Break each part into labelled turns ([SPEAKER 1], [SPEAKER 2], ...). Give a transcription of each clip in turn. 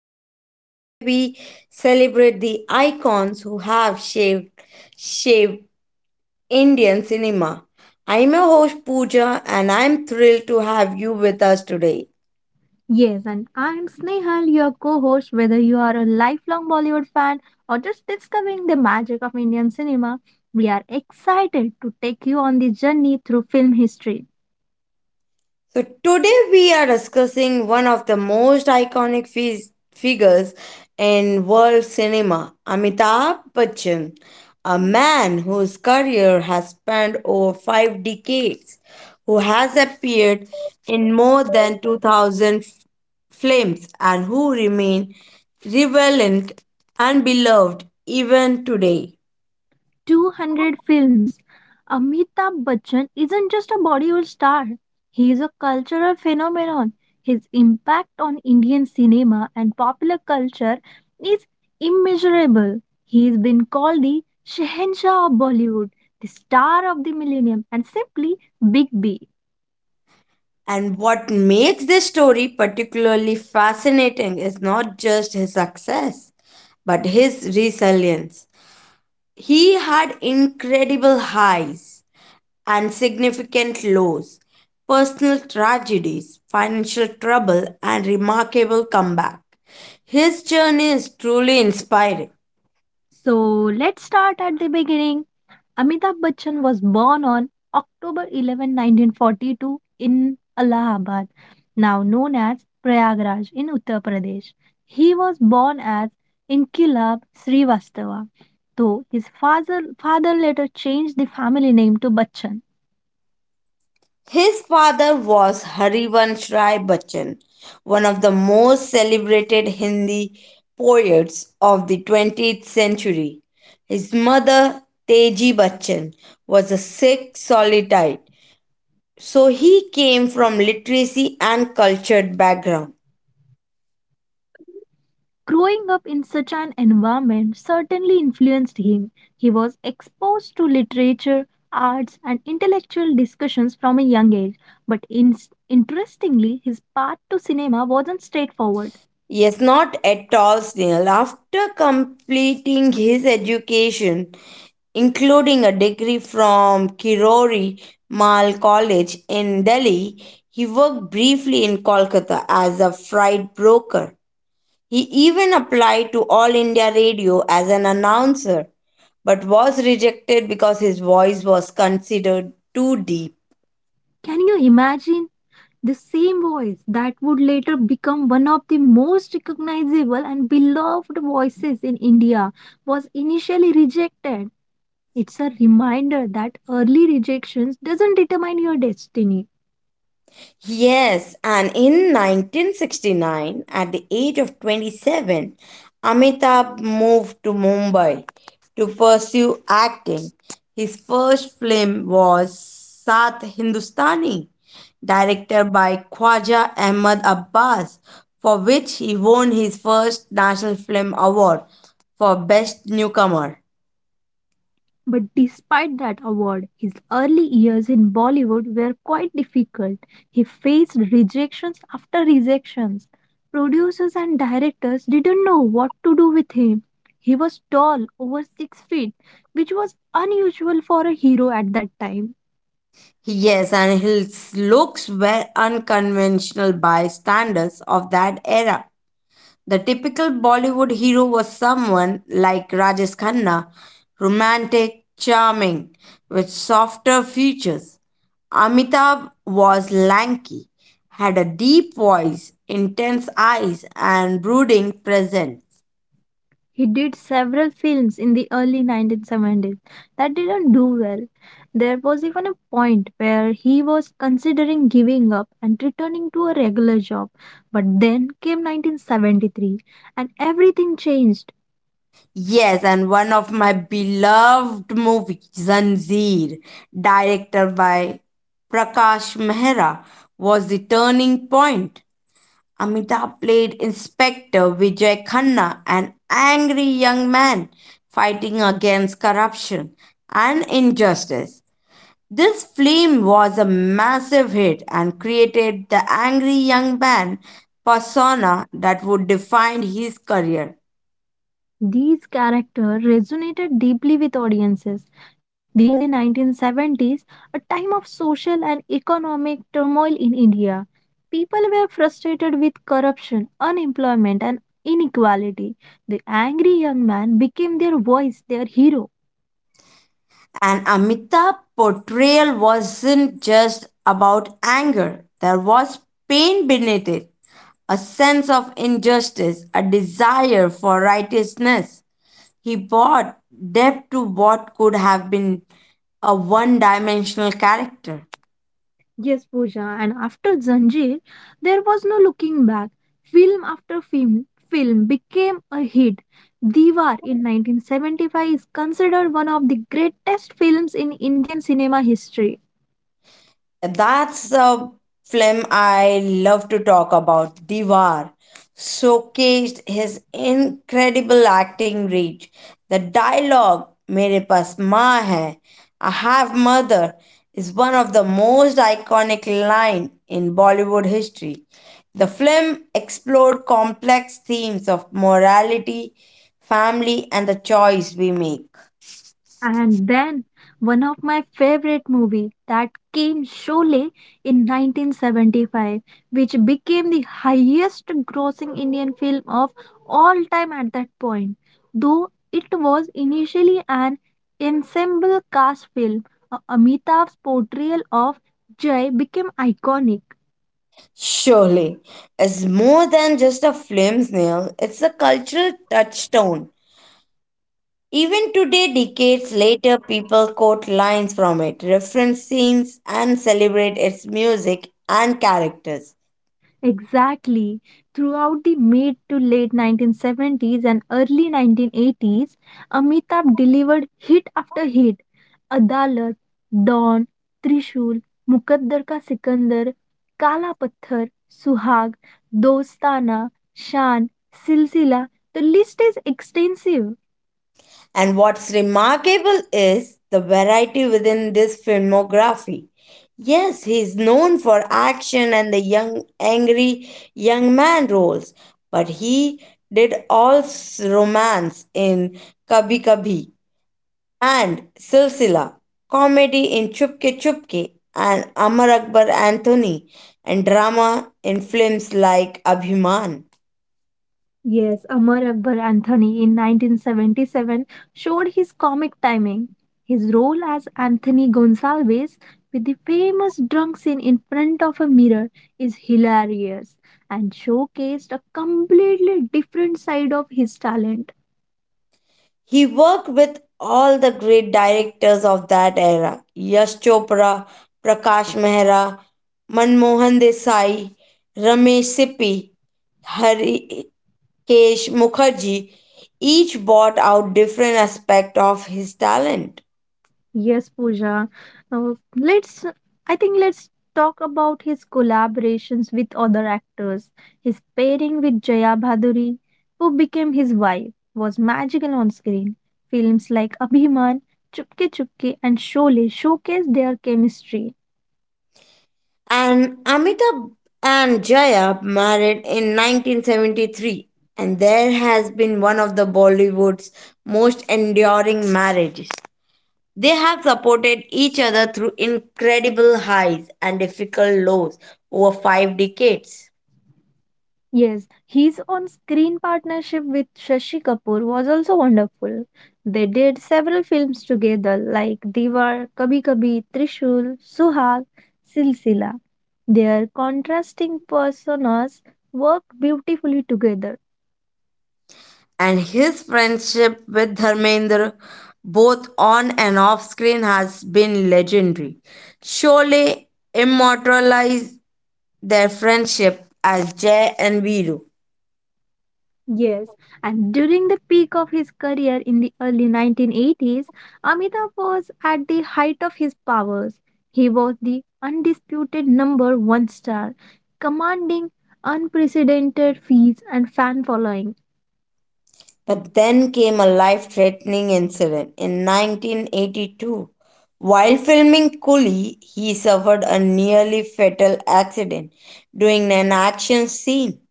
[SPEAKER 1] podcast where we celebrate the icons who have shaped Indian cinema. I'm your host, Pooja, and I'm thrilled to have you with us today.
[SPEAKER 2] Yes, and I'm Snehal, your co host. Whether you are a lifelong Bollywood fan or just discovering the magic of Indian cinema, we are excited to take you on the journey through film history.
[SPEAKER 1] So, today we are discussing one of the most iconic figures in world cinema, Amitabh Bachchan, a man whose career has spanned over 5 decades, who has appeared in more than 2,000 films, and who remains relevant and beloved even today.
[SPEAKER 2] 200 films. Amitabh Bachchan isn't just a Bollywood star, he is a cultural phenomenon. His impact on Indian cinema and popular culture is immeasurable. He has been called the Shehenshah of Bollywood, the star of the millennium, and simply Big B.
[SPEAKER 1] And what makes this story particularly fascinating is not just his success, but his resilience. He had incredible highs and significant lows, personal tragedies, financial trouble, and remarkable comeback. His journey is truly inspiring.
[SPEAKER 2] So let's start at the beginning. Amitabh Bachchan was born on October 11, 1942 in Allahabad, now known as Prayagraj in Uttar Pradesh. He was born as Inkilab Srivastava, though his father later changed the family name to Bachchan.
[SPEAKER 1] His father was Harivansh Rai Bachchan, one of the most celebrated Hindi poets of the 20th century. His mother, Teji Bachchan, was a Sikh solitite, so he came from literacy and cultured background.
[SPEAKER 2] Growing up in such an environment certainly influenced him. He was exposed to literature, arts, and intellectual discussions from a young age. But in- interestingly, his path to cinema wasn't straightforward.
[SPEAKER 1] Yes, not at all, Snail. After completing his education, including a degree from Kirori Mal College in Delhi, he worked briefly in Kolkata as a freight broker. He even applied to All India Radio as an announcer, but was rejected because his voice was considered too deep.
[SPEAKER 2] Can you imagine the same voice that would later become one of the most recognizable and beloved voices in India was initially rejected? It's a reminder that early rejections doesn't determine your destiny.
[SPEAKER 1] Yes, and in 1969, at the age of 27, Amitabh moved to Mumbai to pursue acting. His first film was Sat Hindustani, directed by Khwaja Ahmad Abbas, for which he won his first National Film Award for Best Newcomer.
[SPEAKER 2] But despite that award, his early years in Bollywood were quite difficult. He faced rejections after rejections. Producers and directors didn't know what to do with him. He was tall, over 6 feet, which was unusual for a hero at that time.
[SPEAKER 1] Yes, and his looks were unconventional by standards of that era. The typical Bollywood hero was someone like Rajesh Khanna, romantic, charming, with softer features. Amitabh was lanky, had a deep voice, intense eyes, and brooding presence.
[SPEAKER 2] He did several films in the early 1970s that didn't do well. There was even a point where he was considering giving up and returning to a regular job. But then came 1973 and everything changed.
[SPEAKER 1] Yes, and one of my beloved movies, Zanjeer, directed by Prakash Mehra, was the turning point. Amitabh played Inspector Vijay Khanna, an angry young man fighting against corruption and injustice. This film was a massive hit and created the angry young man persona that would define his career.
[SPEAKER 2] These characters resonated deeply with audiences. This was the 1970s, a time of social and economic turmoil in India. People were frustrated with corruption, unemployment, and inequality. The angry young man became their voice, their hero.
[SPEAKER 1] And Amitabh's portrayal wasn't just about anger, there was pain beneath it, a sense of injustice, a desire for righteousness. He bought depth to what could have been a one dimensional character.
[SPEAKER 2] Yes, Pooja. And after Zanjeer, there was no looking back. Film after film became a hit. Diwar in 1975 is considered one of the greatest films in Indian cinema history.
[SPEAKER 1] That's the film I love to talk about. Diwar showcased his incredible acting reach. The dialogue, Mere paas maa hai, I have mother, is one of the most iconic line in Bollywood history. The film explored complex themes of morality, family, and the choice we make.
[SPEAKER 2] And then one of my favorite movie that came Sholay in 1975, which became the highest grossing Indian film of all time at that point. Though it was initially an ensemble cast film, Amitabh's portrayal of Jai became iconic.
[SPEAKER 1] Surely, is more than just a film snail, it's a cultural touchstone. Even today, decades later, people quote lines from it, reference scenes, and celebrate its music and characters.
[SPEAKER 2] Exactly. Throughout the mid to late 1970s and early 1980s, Amitabh delivered hit after hit. Adalat, Dawn, Trishul, Mukaddar Ka Sikandar, Kala Pathar, Suhag, Dostana, Shan, Silsila. The list is extensive.
[SPEAKER 1] And what's remarkable is the variety within this filmography. Yes, he's known for action and the young, angry young man roles, but he did also romance in Kabhi Kabhi and Silsila, comedy in Chupke Chupke and Amar Akbar Anthony, and drama in films like Abhiman.
[SPEAKER 2] Yes, Amar Akbar Anthony in 1977 showed his comic timing. His role as Anthony Gonsalves with the famous drunk scene in front of a mirror is hilarious and showcased a completely different side of his talent.
[SPEAKER 1] He worked with all the great directors of that era Yash Chopra, Prakash Mehra, Manmohan Desai, Ramesh Sippy, Hari Kesh Mukherjee each brought out different aspect of his talent.
[SPEAKER 2] Yes, Pooja. Uh, let's, let's talk about his collaborations with other actors. His pairing with Jaya Bhaduri, who became his wife, was magical on screen. Films like Abhiman, Chupke Chupke, and Sholay showcase their chemistry.
[SPEAKER 1] And Amitabh and Jaya married in 1973, and there has been one of the Bollywood's most enduring marriages. They have supported each other through incredible highs and difficult lows over 5 decades.
[SPEAKER 2] Yes, his on screen partnership with Shashi Kapoor was also wonderful. They did several films together, like Diwar, Kabhi Kabhi, Trishul, Suhag, Silsila. Their contrasting personas worked beautifully together.
[SPEAKER 1] And his friendship with Dharmendra, both on and off screen, has been legendary. Sholay immortalized their friendship as Jay and Viru.
[SPEAKER 2] Yes, and during the peak of his career in the early 1980s, Amitabh was at the height of his powers. He was the undisputed number one star, commanding unprecedented fees and fan following.
[SPEAKER 1] But then came a life threatening incident in 1982. While filming Coolie, he suffered a nearly fatal accident during an action scene.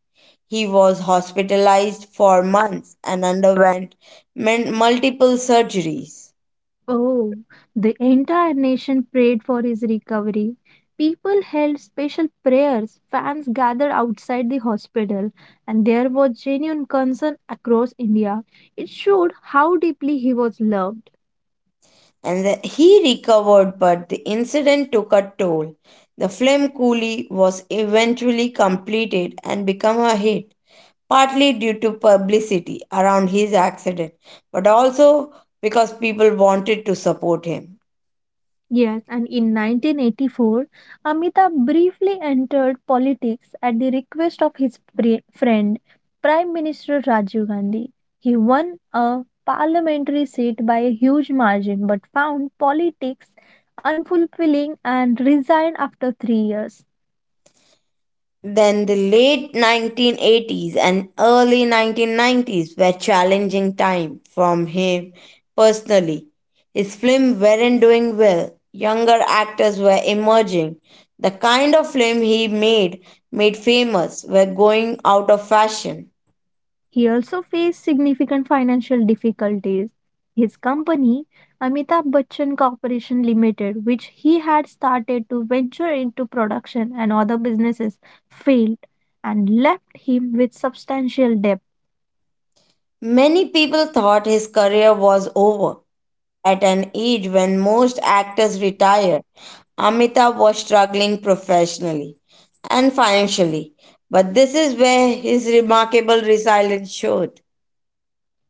[SPEAKER 1] He was hospitalized for months and underwent multiple surgeries.
[SPEAKER 2] Oh, the entire nation prayed for his recovery. People held special prayers, fans gathered outside the hospital, and there was genuine concern across India. It showed how deeply he was loved.
[SPEAKER 1] And he recovered, but the incident took a toll. The film Coolie was eventually completed and became a hit, partly due to publicity around his accident, but also because people wanted to support him.
[SPEAKER 2] Yes, and in 1984, Amitabh briefly entered politics at the request of his friend, Prime Minister Rajiv Gandhi. He won a parliamentary seat by a huge margin but found politics unfulfilling and resigned after 3 years.
[SPEAKER 1] Then the late 1980s and early 1990s were challenging time from him personally. His films weren't doing well. Younger actors were emerging. The kind of film he made made famous were going out of fashion.
[SPEAKER 2] He also faced significant financial difficulties. His company, Amitabh Bachchan Corporation Limited, which he had started to venture into production and other businesses, failed and left him with substantial debt.
[SPEAKER 1] Many people thought his career was over. At an age when most actors retire, Amitabh was struggling professionally and financially, but this is where his remarkable resilience showed.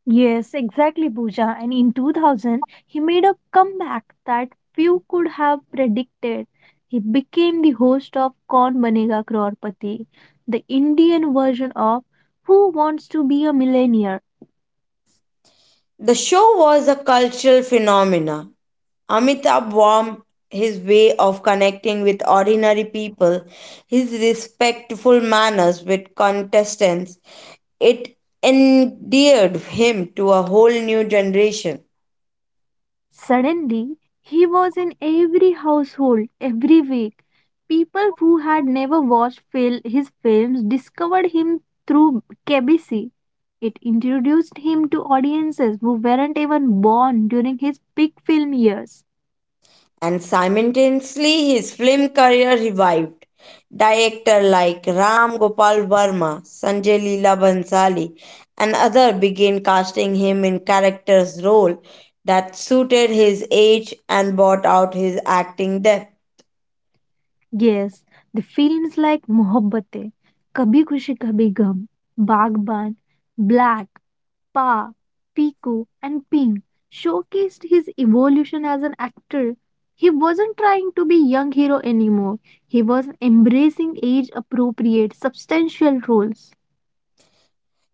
[SPEAKER 2] Yes, exactly, Pooja. And in 2000, he made a comeback that few could have predicted. He became the host of Kaun Banega Crorepati, the Indian version of Who Wants to Be a Millionaire?
[SPEAKER 1] The show was a cultural phenomenon. Amitabh warmed his way of connecting with ordinary people, his respectful manners with contestants, it endeared him to a whole new generation.
[SPEAKER 2] Suddenly, he was in every household every week. People who had never watched his films discovered him through KBC. It introduced him to audiences who weren't even born during his big film years.
[SPEAKER 1] And simultaneously his film career revived. Directors like Ram Gopal Verma, Sanjay Leela Bhansali, and others began casting him in characters role that suited his age and brought out his acting depth.
[SPEAKER 2] Yes, the films like Mohabbatein, Kabhi Khushi Kabhi Gum, Bagban, Black, Pa, Piku, and Ping showcased his evolution as an actor. He wasn't trying to be young hero anymore. He was embracing age appropriate, substantial roles.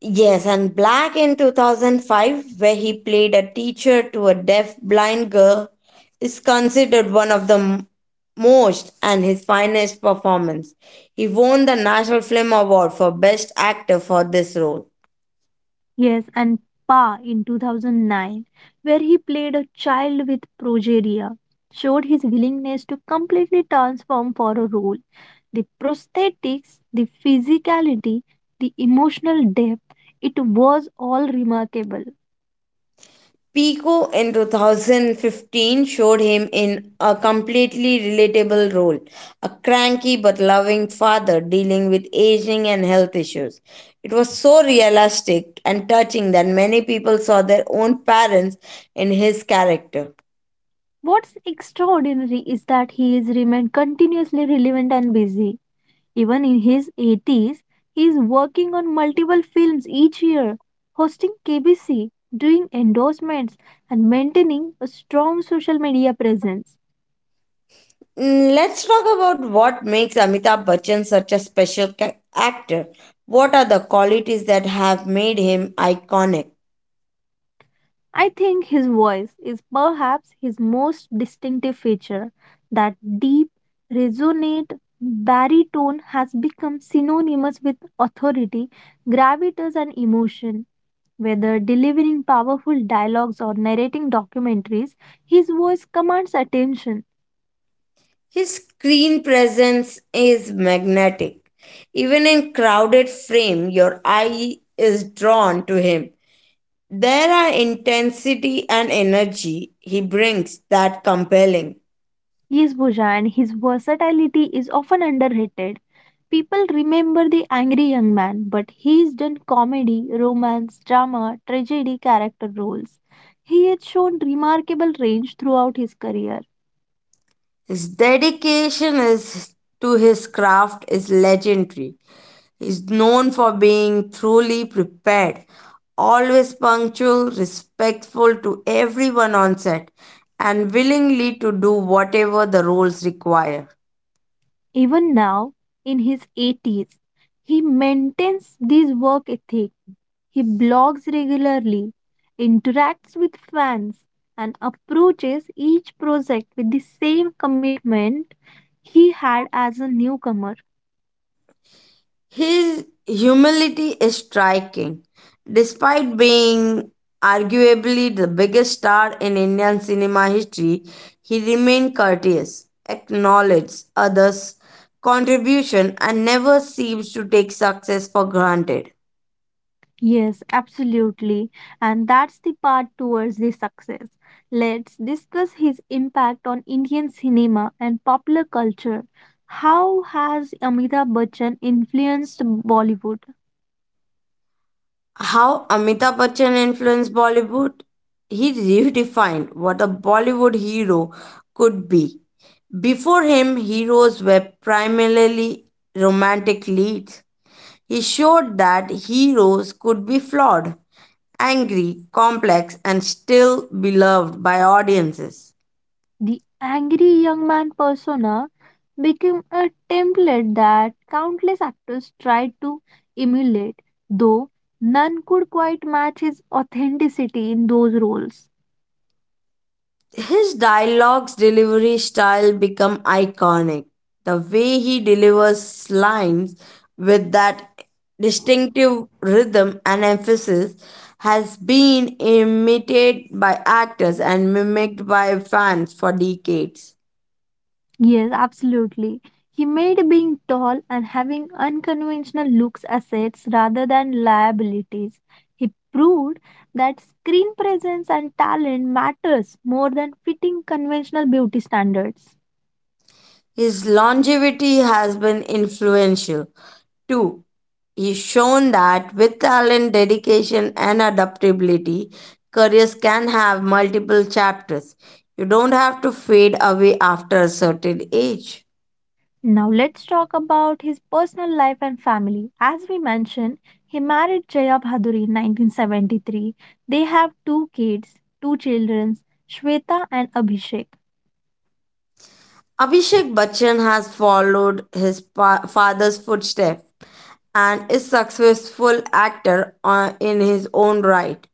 [SPEAKER 1] Yes, and Black in 2005, where he played a teacher to a deaf blind girl, is considered one of the most and his finest performance. He won the National Film Award for Best Actor for this role.
[SPEAKER 2] Yes, and Pa in 2009, where he played a child with progeria, showed his willingness to completely transform for a role. The prosthetics, the physicality, the emotional depth, it was all remarkable.
[SPEAKER 1] Pico in 2015 showed him in a completely relatable role a cranky but loving father dealing with aging and health issues. It was so realistic and touching that many people saw their own parents in his character.
[SPEAKER 2] What's extraordinary is that he has remained continuously relevant and busy. Even in his 80s, he is working on multiple films each year, hosting KBC, doing endorsements, and maintaining a strong social media presence.
[SPEAKER 1] Let's talk about what makes Amitabh Bachchan such a special actor. What are the qualities that have made him iconic?
[SPEAKER 2] I think his voice is perhaps his most distinctive feature. That deep, resonant baritone has become synonymous with authority, gravitas, and emotion. Whether delivering powerful dialogues or narrating documentaries, his voice commands attention.
[SPEAKER 1] His screen presence is magnetic. Even in crowded frame, your eye is drawn to him. There are intensity and energy he brings that compelling.
[SPEAKER 2] Yes, Bhuja, and his versatility is often underrated. People remember the angry young man, but he has done comedy, romance, drama, tragedy character roles. He has shown remarkable range throughout his career.
[SPEAKER 1] His dedication is to his craft is legendary. He's known for being thoroughly prepared, always punctual, respectful to everyone on set, and willingly to do whatever the roles require.
[SPEAKER 2] Even now, in his 80s, he maintains this work ethic. He blogs regularly, interacts with fans, and approaches each project with the same commitment he had as a newcomer.
[SPEAKER 1] His humility is striking. Despite being arguably the biggest star in Indian cinema history, he remained courteous, acknowledged others' contribution, and never seems to take success for granted.
[SPEAKER 2] Yes, absolutely. And that's the part towards the success. Let's discuss his impact on Indian cinema and popular culture. How has Amitabh Bachchan influenced Bollywood?
[SPEAKER 1] How Amitabh Bachchan influenced Bollywood? He redefined what a Bollywood hero could be. Before him, heroes were primarily romantic leads. He showed that heroes could be flawed, angry, complex, and still beloved by audiences.
[SPEAKER 2] The angry young man persona became a template that countless actors tried to emulate, though none could quite match his authenticity in those roles.
[SPEAKER 1] His dialogues delivery style become iconic. The way he delivers lines with that distinctive rhythm and emphasis has been imitated by actors and mimicked by fans for decades.
[SPEAKER 2] Yes, absolutely. He made being tall and having unconventional looks assets rather than liabilities. He proved that screen presence and talent matters more than fitting conventional beauty standards.
[SPEAKER 1] His longevity has been influential. Two, he's shown that with talent, dedication, and adaptability, careers can have multiple chapters. You don't have to fade away after a certain age.
[SPEAKER 2] Now let's talk about his personal life and family. As we mentioned, he married Jaya Bhaduri in 1973. They have two children, Shweta and Abhishek.
[SPEAKER 1] Abhishek Bachchan has followed his father's footsteps and is successful actor in his own right.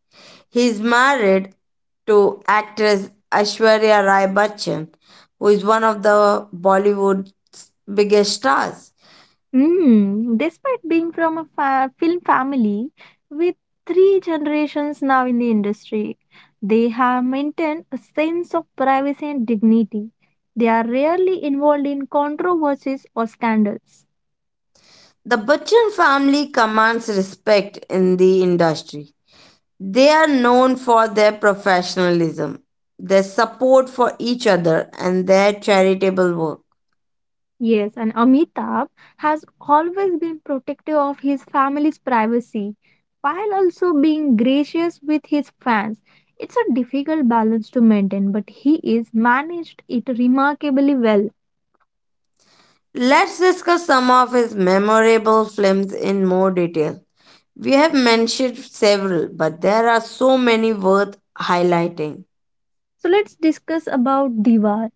[SPEAKER 1] He is married to actress Aishwarya Rai Bachchan, who is one of the Bollywood's biggest stars.
[SPEAKER 2] Hmm, despite being from a film family with three generations now in the industry, they have maintained a sense of privacy and dignity. They are rarely involved in controversies or scandals.
[SPEAKER 1] The Bachchan family commands respect in the industry. They are known for their professionalism, their support for each other, and their charitable work.
[SPEAKER 2] Yes, and Amitabh has always been protective of his family's privacy while also being gracious with his fans. It's a difficult balance to maintain, but he is managed it remarkably well.
[SPEAKER 1] Let's discuss some of his memorable films in more detail. We have mentioned several, but there are so many worth highlighting.
[SPEAKER 2] So let's discuss about Diwar.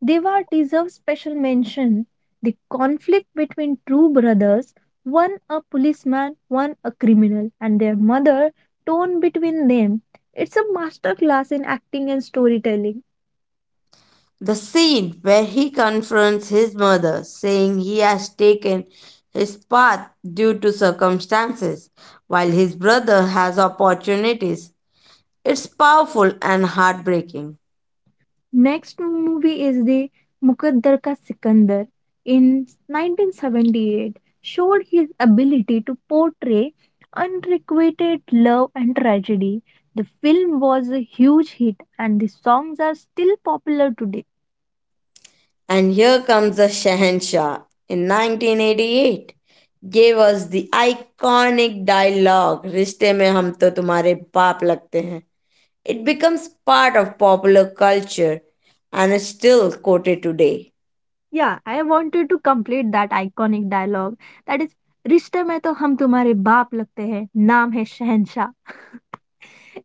[SPEAKER 2] Diwar deserves special mention. The conflict between two brothers, one a policeman, one a criminal, and their mother torn between them. It's a masterclass in acting and storytelling.
[SPEAKER 1] The scene where he confronts his mother, saying he has taken his path due to circumstances, while his brother has opportunities, it's powerful and heartbreaking.
[SPEAKER 2] Next movie is the Mukaddar Ka Sikandar in 1978 showed his ability to portray unrequited love and tragedy. The film was a huge hit and the songs are still popular today.
[SPEAKER 1] And here comes the Shahanshah in 1988 gave us the iconic dialogue रिश्ते में हम तो तुम्हारे बाप लगते हैं. It becomes part of popular culture and is still quoted today.
[SPEAKER 2] Yeah, I wanted to complete that iconic dialogue that is रिश्ते में तो हम तुम्हारे बाप लगते हैं नाम है शहनशाह.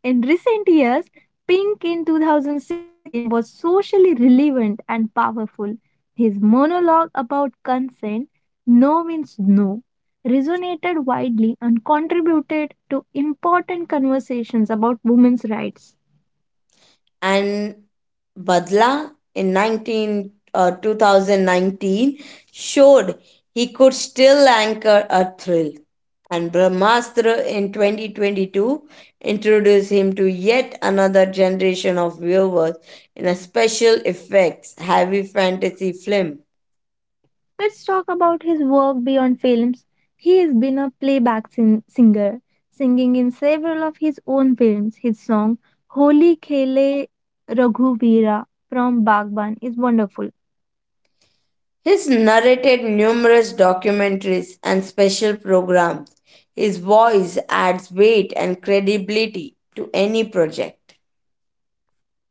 [SPEAKER 2] In recent years, Pink in 2016 was socially relevant and powerful. His monologue about consent, no means no, resonated widely and contributed to important conversations about women's rights.
[SPEAKER 1] And Badla in 2019 showed he could still anchor a thrill. And Brahmastra in 2022 introduced him to yet another generation of viewers in a special effects heavy fantasy film.
[SPEAKER 2] Let's talk about his work beyond films. He has been a playback singer, singing in several of his own films. His song Holy Khele Raghuvira from Bagban is wonderful.
[SPEAKER 1] He's narrated numerous documentaries and special programs. His voice adds weight and credibility to any project.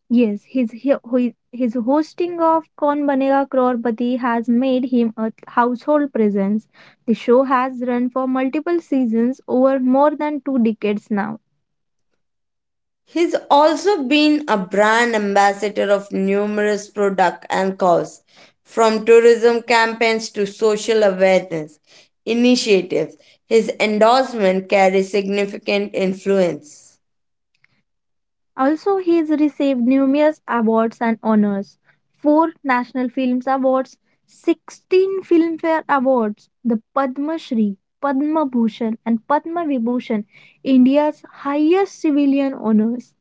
[SPEAKER 2] Yes, his hosting of Kaun Banega Crorepati has made him a household presence. The show has run for multiple seasons over more than two decades now.
[SPEAKER 1] He's also been a brand ambassador of numerous products and causes, from tourism campaigns to social awareness initiatives. His endorsement carries significant influence.
[SPEAKER 2] Also, he has received numerous awards and honors: four National Films Awards, 16 Filmfare Awards, the Padma Shri, Padma Bhushan, and Padma Vibhushan, India's highest civilian honors.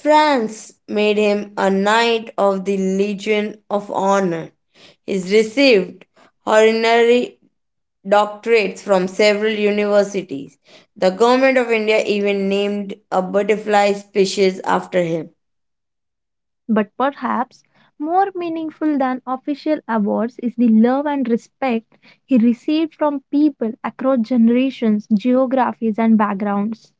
[SPEAKER 1] France made him a Knight of the Legion of Honor. He's received honorary doctorates from several universities. The government of India even named a butterfly species after him.
[SPEAKER 2] But perhaps more meaningful than official awards is the love and respect he received from people across generations, geographies, and backgrounds.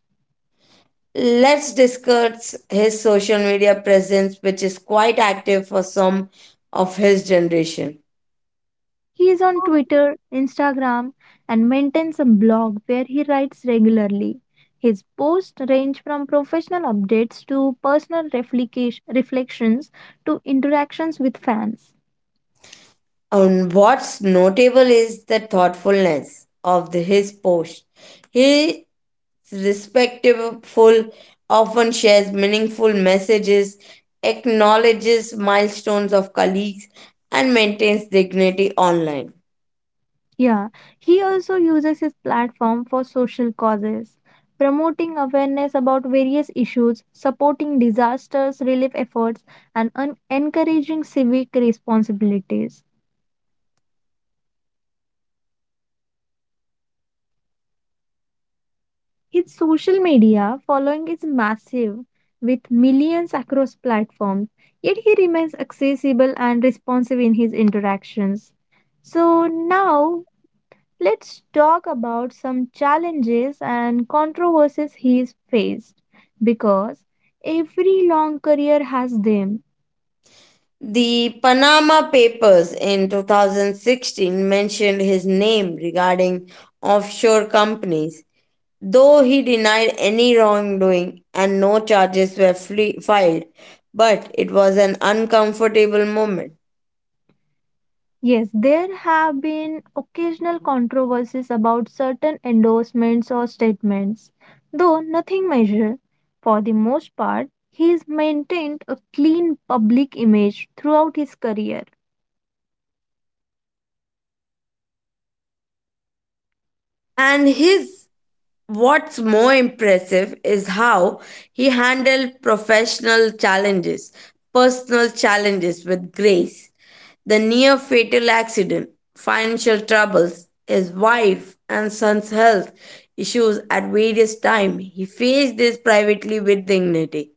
[SPEAKER 1] Let's discuss his social media presence, which is quite active for some of his generation.
[SPEAKER 2] He is on Twitter, Instagram, and maintains a blog where he writes regularly. His posts range from professional updates to personal reflections to interactions with fans.
[SPEAKER 1] And what's notable is the thoughtfulness of his post. He is respectful, often shares meaningful messages, acknowledges milestones of colleagues, and maintains dignity online.
[SPEAKER 2] Yeah, he also uses his platform for social causes, promoting awareness about various issues, supporting disasters relief efforts, and encouraging civic responsibilities. His social media following is massive, with millions across platforms, yet he remains accessible and responsive in his interactions. So now let's talk about some challenges and controversies he's faced because every long career has them.
[SPEAKER 1] The Panama Papers in 2016 mentioned his name regarding offshore companies, though he denied any wrongdoing and no charges were filed. But it was an uncomfortable moment.
[SPEAKER 2] Yes, there have been occasional controversies about certain endorsements or statements, though nothing major. For the most part, he's maintained a clean public image throughout his career.
[SPEAKER 1] And his What's more impressive is how he handled professional challenges, personal challenges with grace. The near fatal accident, financial troubles, his wife and son's health issues at various times, he faced this privately with dignity.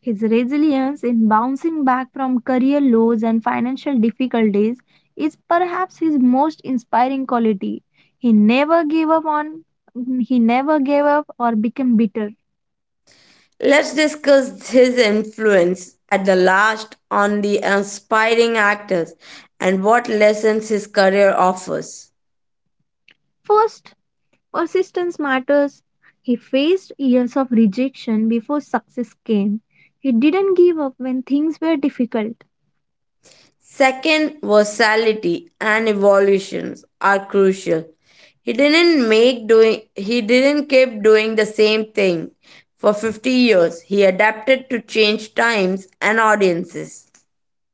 [SPEAKER 2] His resilience in bouncing back from career lows and financial difficulties is perhaps his most inspiring quality. He never gave up on he never gave up or became bitter.
[SPEAKER 1] Let's discuss his influence at the last on the aspiring actors and what lessons his career offers.
[SPEAKER 2] First, persistence matters. He faced years of rejection before success came. He didn't give up when things were difficult.
[SPEAKER 1] Second, versatility and evolutions are crucial. He didn't keep doing the same thing for 50 years. He adapted to change times and audiences.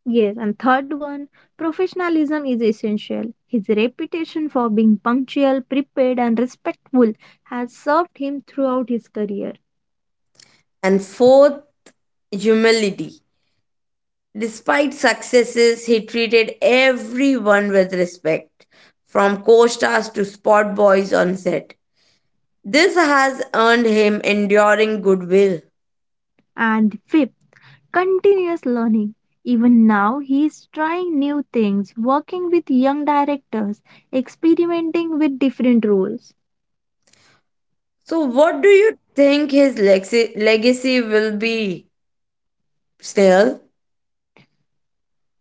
[SPEAKER 2] Yes, and third one, professionalism is essential. His reputation for being punctual, prepared, and respectful has served him throughout his career.
[SPEAKER 1] And fourth, humility. Despite successes, he treated everyone with respect, from co-stars to spot boys on set. This has earned him enduring goodwill.
[SPEAKER 2] And fifth, continuous learning. Even now, he is trying new things, working with young directors, experimenting with different roles.
[SPEAKER 1] So, what do you think his legacy will be still?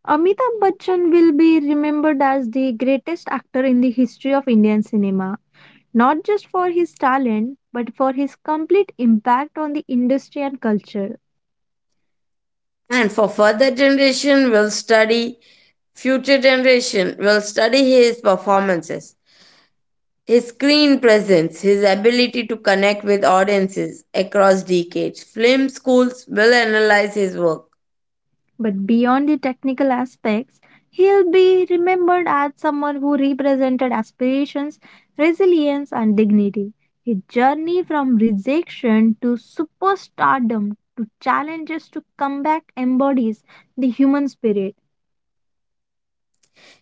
[SPEAKER 2] Amitabh Bachchan will be remembered as the greatest actor in the history of Indian cinema, not just for his talent, but for his complete impact on the industry and culture.
[SPEAKER 1] And for further generation, will study future generation will study his performances, his screen presence, his ability to connect with audiences across decades. Film schools will analyze his work.
[SPEAKER 2] But beyond the technical aspects, he'll be remembered as someone who represented aspirations, resilience, and dignity. His journey from rejection to superstardom to challenges to comeback embodies the human spirit.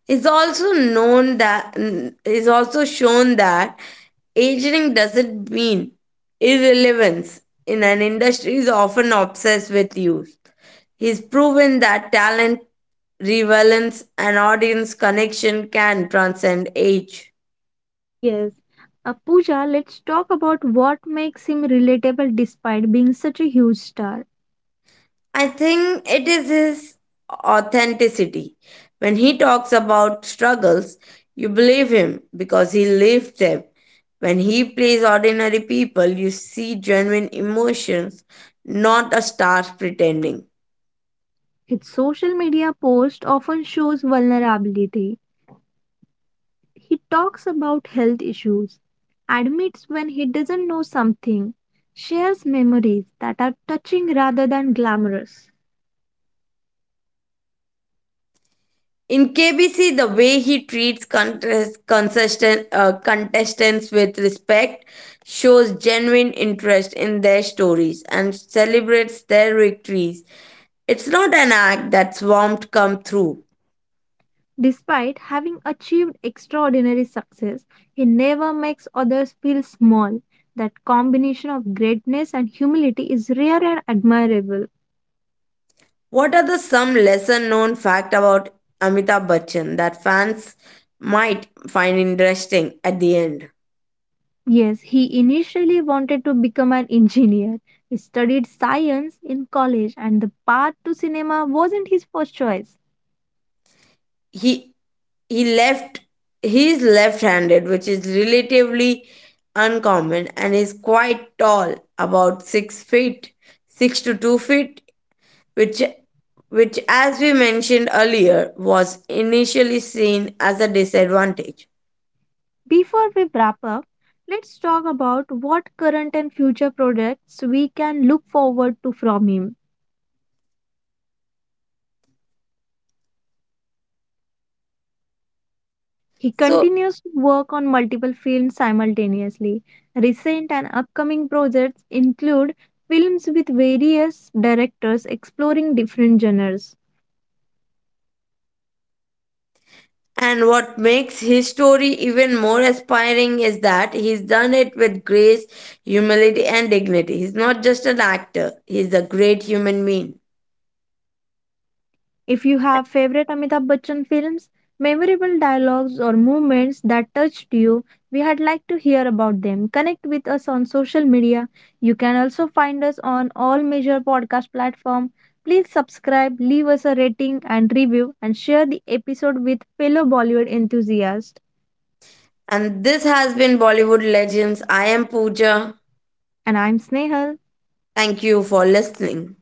[SPEAKER 1] It's also shown that aging doesn't mean irrelevance in an industry is often obsessed with youth. He's proven that talent, relevance, and audience connection can transcend age.
[SPEAKER 2] Yes. Pooja, let's talk about what makes him relatable despite being such a huge star.
[SPEAKER 1] I think it is his authenticity. When he talks about struggles, you believe him because he lived them. When he plays ordinary people, you see genuine emotions, not a star pretending.
[SPEAKER 2] His social media post often shows vulnerability. He talks about health issues, admits when he doesn't know something, shares memories that are touching rather than glamorous.
[SPEAKER 1] In KBC, the way he treats contestants with respect shows genuine interest in their stories and celebrates their victories. It's not an act that's warmed come through.
[SPEAKER 2] Despite having achieved extraordinary success, he never makes others feel small. That combination of greatness and humility is rare and admirable.
[SPEAKER 1] What are the some lesser known fact about Amitabh Bachchan that fans might find interesting at the end?
[SPEAKER 2] Yes, he initially wanted to become an engineer. He studied science in college, and the path to cinema wasn't his first choice.
[SPEAKER 1] He he left he's left-handed, which is relatively uncommon and is quite tall, about 6 to 2 feet, which which as we mentioned earlier was initially seen as a disadvantage.
[SPEAKER 2] Before we wrap up, let's talk about what current and future projects we can look forward to from him. He
[SPEAKER 1] So.
[SPEAKER 2] continues to work on multiple films simultaneously. Recent and upcoming projects include films with various directors exploring different genres.
[SPEAKER 1] And what makes his story even more inspiring is that he's done it with grace, humility, and dignity. He's not just an actor, he's a great human being.
[SPEAKER 2] If you have favorite Amitabh Bachchan films, memorable dialogues or moments that touched you, we had like to hear about them. Connect with us on social media. You can also find us on all major podcast platform. Please subscribe, leave us a rating and review and share the episode with fellow Bollywood enthusiasts.
[SPEAKER 1] And this has been Bollywood Legends. I am Pooja.
[SPEAKER 2] And I'm Snehal.
[SPEAKER 1] Thank you for listening.